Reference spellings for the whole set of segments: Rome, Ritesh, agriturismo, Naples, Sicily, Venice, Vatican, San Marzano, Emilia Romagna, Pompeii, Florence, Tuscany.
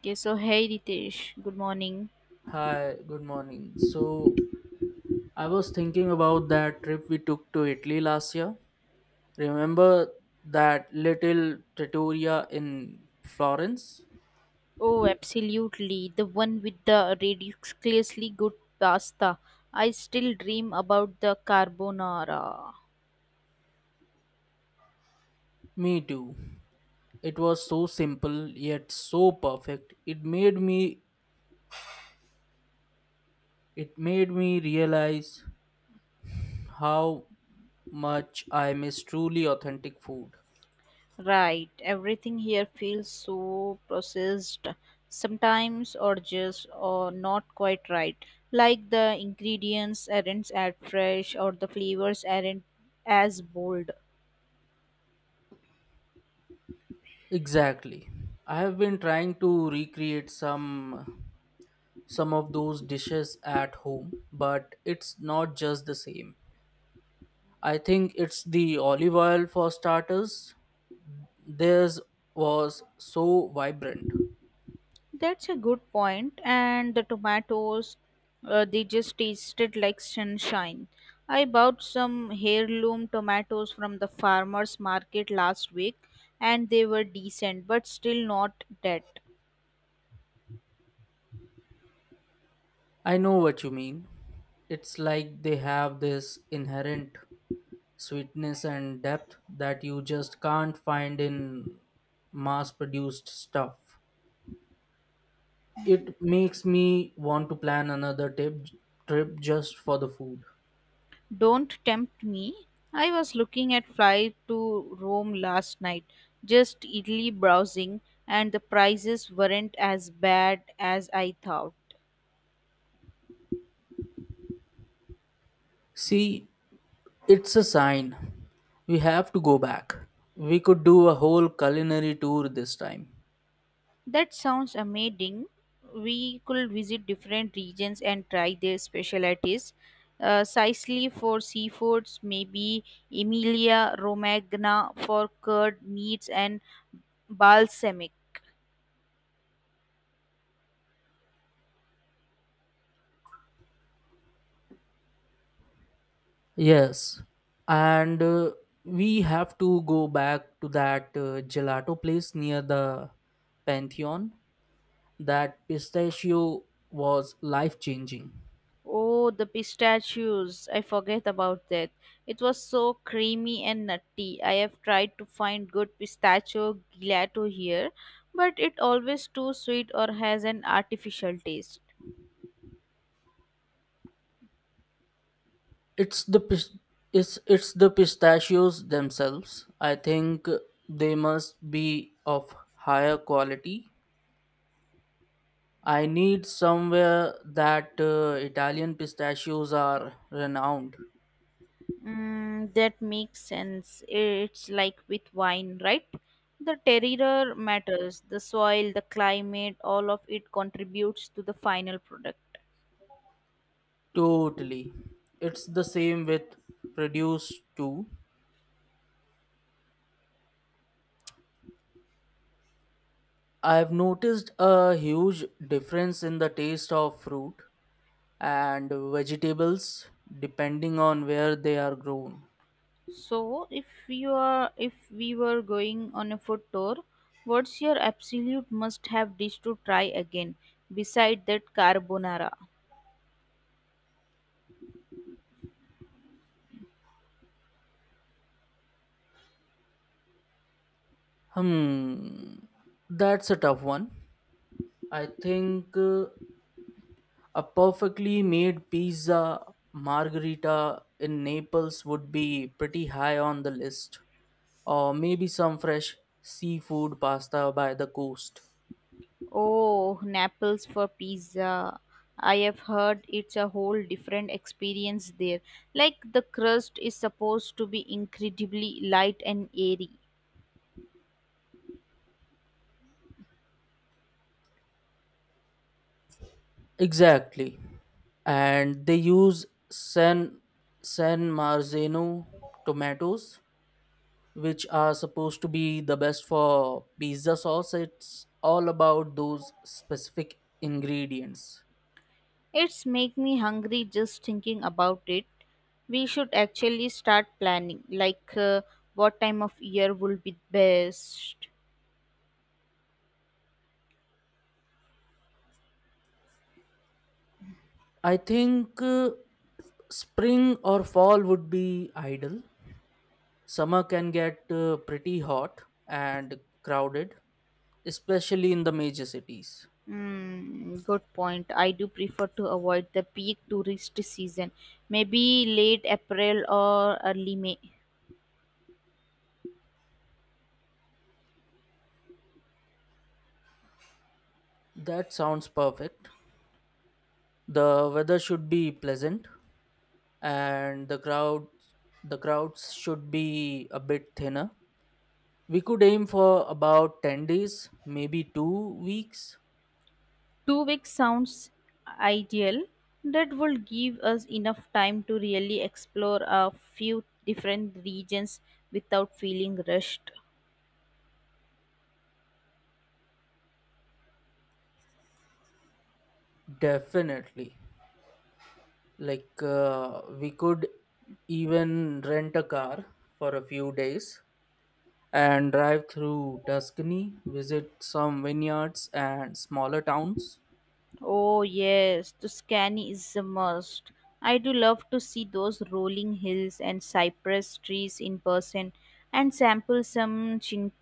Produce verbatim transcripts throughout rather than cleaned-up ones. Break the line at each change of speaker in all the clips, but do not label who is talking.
Okay, so hey Ritesh, good morning.
Hi, good morning. So, I was thinking about that trip we took to Italy last year. Remember that little trattoria in Florence?
Oh, absolutely. The one with the ridiculously good pasta. I still dream about the carbonara.
Me too. It was so simple yet so perfect. It made me it made me realize how much I miss truly authentic food.
Right, everything here feels so processed sometimes or just or not quite right. Like the ingredients aren't as fresh or the flavors aren't as bold.
Exactly. I have been trying to recreate some some of those dishes at home, but it's not just the same. I think it's the olive oil for starters. Theirs was so vibrant.
That's a good point. And the tomatoes, uh, they just tasted like sunshine. I bought some heirloom tomatoes from the farmer's market last week, and they were decent, but still not dead.
I know what you mean. It's like they have this inherent sweetness and depth that you just can't find in mass produced stuff.
Hmm.
It makes me want to plan another tip, trip just for the food.
Don't tempt me. I was looking at flight to Rome last night, just idly browsing, and the prices weren't as bad as I thought.
See, it's a sign. We have to go back. We could do a whole culinary tour this time.
That sounds amazing. We could visit different regions and try their specialties. Uh, Sicily for seafoods, maybe Emilia Romagna for curd meats and balsamic.
Yes, and uh, we have to go back to that uh, gelato place near the Pantheon. That pistachio was life changing.
Oh, the pistachios. I forget about that. It was so creamy and nutty. I have tried to find good pistachio gelato here, but it always too sweet or has an artificial taste.
It's the pis- it's it's the pistachios themselves. I think they must be of higher quality. I need somewhere that uh, Italian pistachios are renowned.
Mm, that makes sense. It's like with wine, right? The terroir matters, the soil, the climate, all of it contributes to the final product.
Totally. It's the same with produce too. I've noticed a huge difference in the taste of fruit and vegetables depending on where they are grown.
So, if you are, if we were going on a food tour, what's your absolute must-have dish to try again, beside that carbonara?
Hmm, that's a tough one. I think uh, a perfectly made pizza margherita in Naples would be pretty high on the list, or maybe some fresh seafood pasta by the coast.
Oh, Naples for pizza. I have heard it's a whole different experience there. Like the crust is supposed to be incredibly light and airy.
Exactly. And they use San San Marzano tomatoes, which are supposed to be the best for pizza sauce. It's all about those specific ingredients.
It's make me hungry just thinking about it. We should actually start planning like uh, what time of year will be best.
I think uh, spring or fall would be ideal. Summer can get uh, pretty hot and crowded, especially in the major cities.
Hmm, good point. I do prefer to avoid the peak tourist season. Maybe late April or early May.
That sounds perfect. The weather should be pleasant and the crowd the crowds should be a bit thinner. We could aim for about ten days, maybe two weeks.
Two weeks sounds ideal. That would give us enough time to really explore a few different regions without feeling rushed.
Definitely. Like, uh, we could even rent a car for a few days and drive through Tuscany, visit some vineyards and smaller towns.
Oh, yes, Tuscany is a must. I do love to see those rolling hills and cypress trees in person and sample some chin-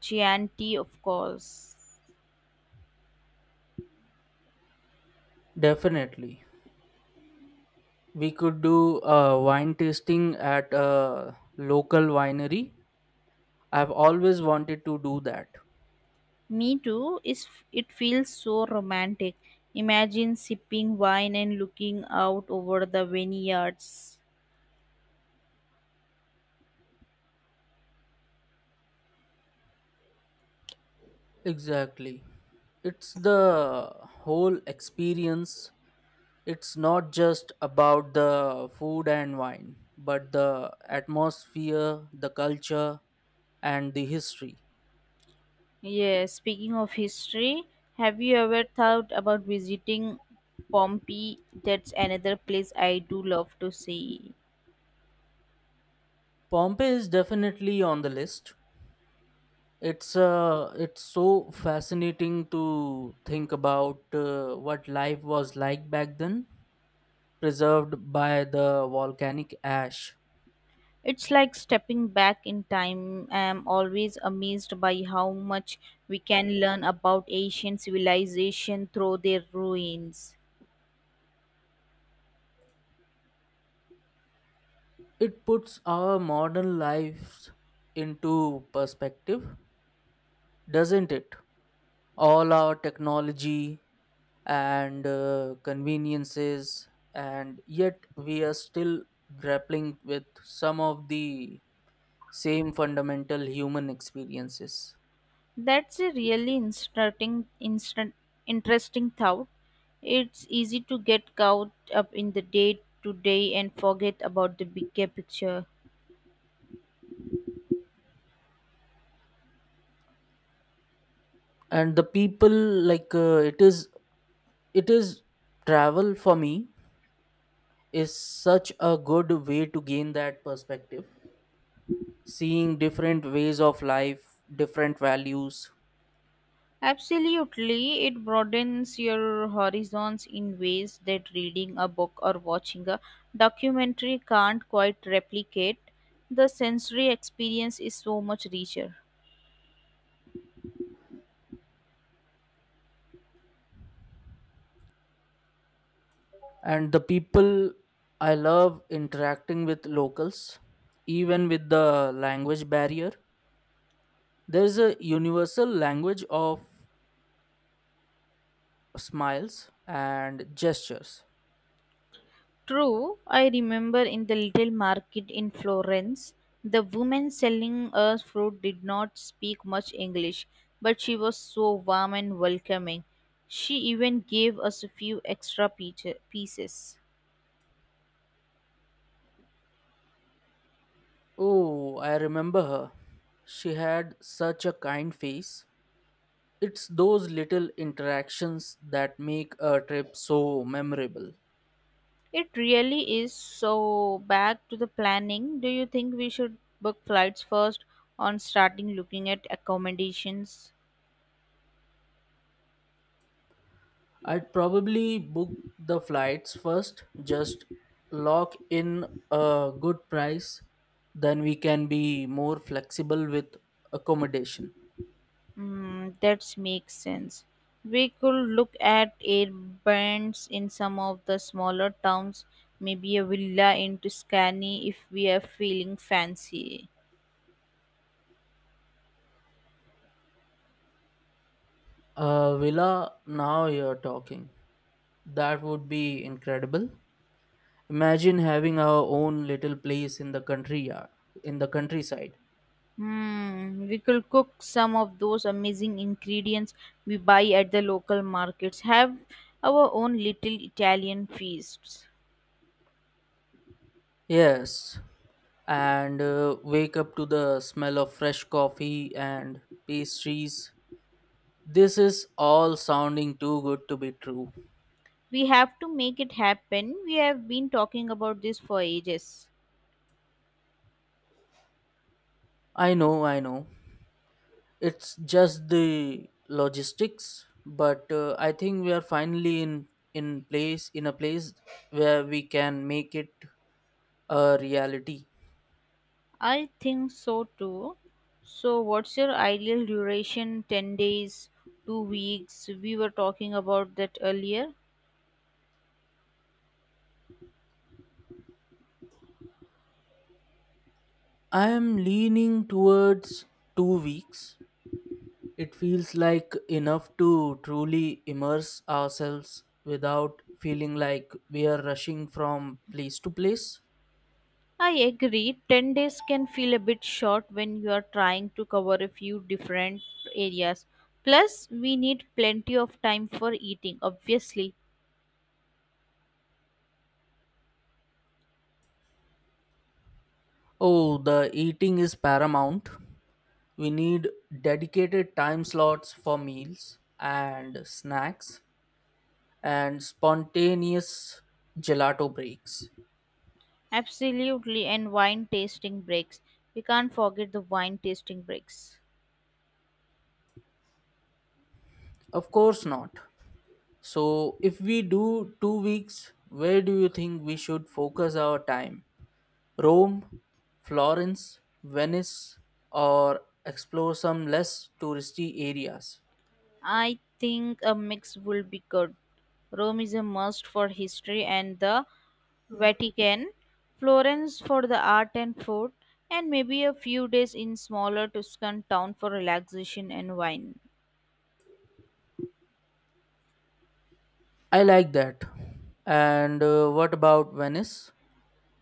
Chianti, of course.
Definitely. We could do a wine tasting at a local winery. I've always wanted to do that.
Me too. Is it feels so romantic. Imagine sipping wine and looking out over the vineyards.
Exactly. It's the whole experience. It's not just about the food and wine, but the atmosphere, the culture, and the history.
Yes, speaking of history, have you ever thought about visiting Pompeii? That's another place I do love to see.
Pompeii is definitely on the list. It's uh, it's so fascinating to think about uh, what life was like back then, preserved by the volcanic ash.
It's like stepping back in time. I'm always amazed by how much we can learn about ancient civilization through their ruins.
It puts our modern lives into perspective, doesn't it? All our technology and uh, conveniences, and yet we are still grappling with some of the same fundamental human experiences.
That's a really instructing, instant, interesting thought. It's easy to get caught up in the day to day and forget about the bigger picture.
And the people, like, uh, it is it is travel for me is such a good way to gain that perspective, seeing different ways of life, different values.
Absolutely, it broadens your horizons in ways that reading a book or watching a documentary can't quite replicate. The sensory experience is so much richer.
And the people, I love interacting with locals, even with the language barrier. There's a universal language of smiles and gestures.
True, I remember in the little market in Florence, the woman selling us fruit did not speak much English, but she was so warm and welcoming. She even gave us a few extra peach- pieces.
Oh, I remember her. She had such a kind face. It's those little interactions that make a trip so memorable.
It really is so back to the planning. Do you think we should book flights first on starting looking at accommodations?
I'd probably book the flights first, just lock in a good price, then we can be more flexible with accommodation.
Mm, that makes sense. We could look at air bands in some of the smaller towns, maybe a villa in Tuscany if we are feeling fancy.
A villa, now you're talking. That would be incredible. Imagine having our own little place in the country, uh, in the countryside.
Hmm, we could cook some of those amazing ingredients we buy at the local markets, have our own little Italian feasts.
Yes, and uh, wake up to the smell of fresh coffee and pastries. This is all sounding too good to be true.
We have to make it happen. We have been talking about this for ages.
I know, I know. It's just the logistics, but uh, I think we are finally in in place in a place where we can make it a reality.
I think so too. So, what's your ideal duration? ten days, two weeks? We were talking about that earlier.
I am leaning towards two weeks. It feels like enough to truly immerse ourselves without feeling like we are rushing from place to place.
I agree, ten days can feel a bit short when you are trying to cover a few different areas. Plus, we need plenty of time for eating, obviously.
Oh, the eating is paramount. We need dedicated time slots for meals and snacks and spontaneous gelato breaks.
Absolutely, and wine tasting breaks. We can't forget the wine tasting breaks.
Of course not. So, if we do two weeks, where do you think we should focus our time? Rome, Florence, Venice, or explore some less touristy areas?
I think a mix will be good. Rome is a must for history and the Vatican, Florence for the art and food, and maybe a few days in smaller Tuscan town for relaxation and wine.
I like that. And uh, what about Venice?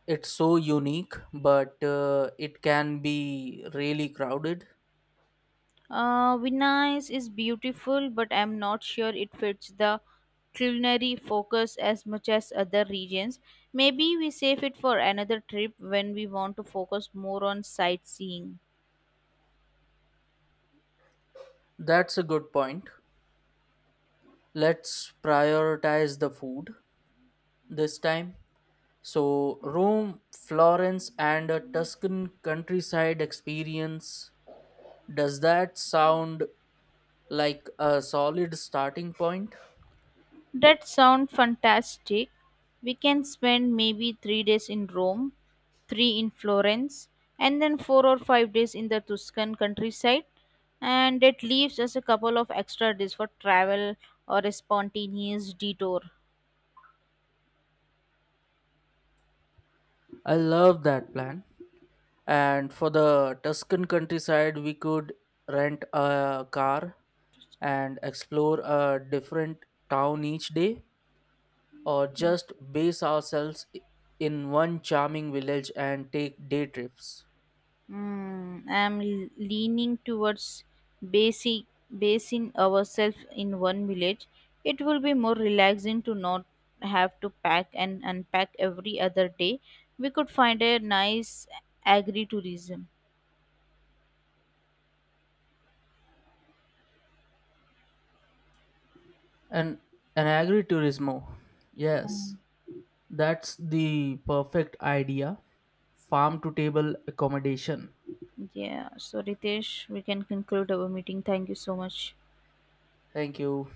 It's so unique, but uh, it can be really crowded.
Uh, Venice is beautiful, but I'm not sure it fits the culinary focus as much as other regions. Maybe we save it for another trip when we want to focus more on sightseeing.
That's a good point. Let's prioritize the food this time. So, Rome, Florence, and a Tuscan countryside experience. Does that sound like a solid starting point?
That sounds fantastic. We can spend maybe three days in Rome, three in Florence, and then four or five days in the Tuscan countryside. And that leaves us a couple of extra days for travel or a spontaneous detour.
I love that plan. And for the Tuscan countryside, we could rent a car and explore a different town each day or just base ourselves i- in one charming village and take day trips.
Mm, I'm l- leaning towards basic basing ourselves in one village. It will be more relaxing to not have to pack and unpack every other day. We could find a nice agri tourism.
And an agriturismo. Yes, that's the perfect idea. Farm to table accommodation.
Yeah. So Ritesh, we can conclude our meeting. Thank you so much.
Thank you.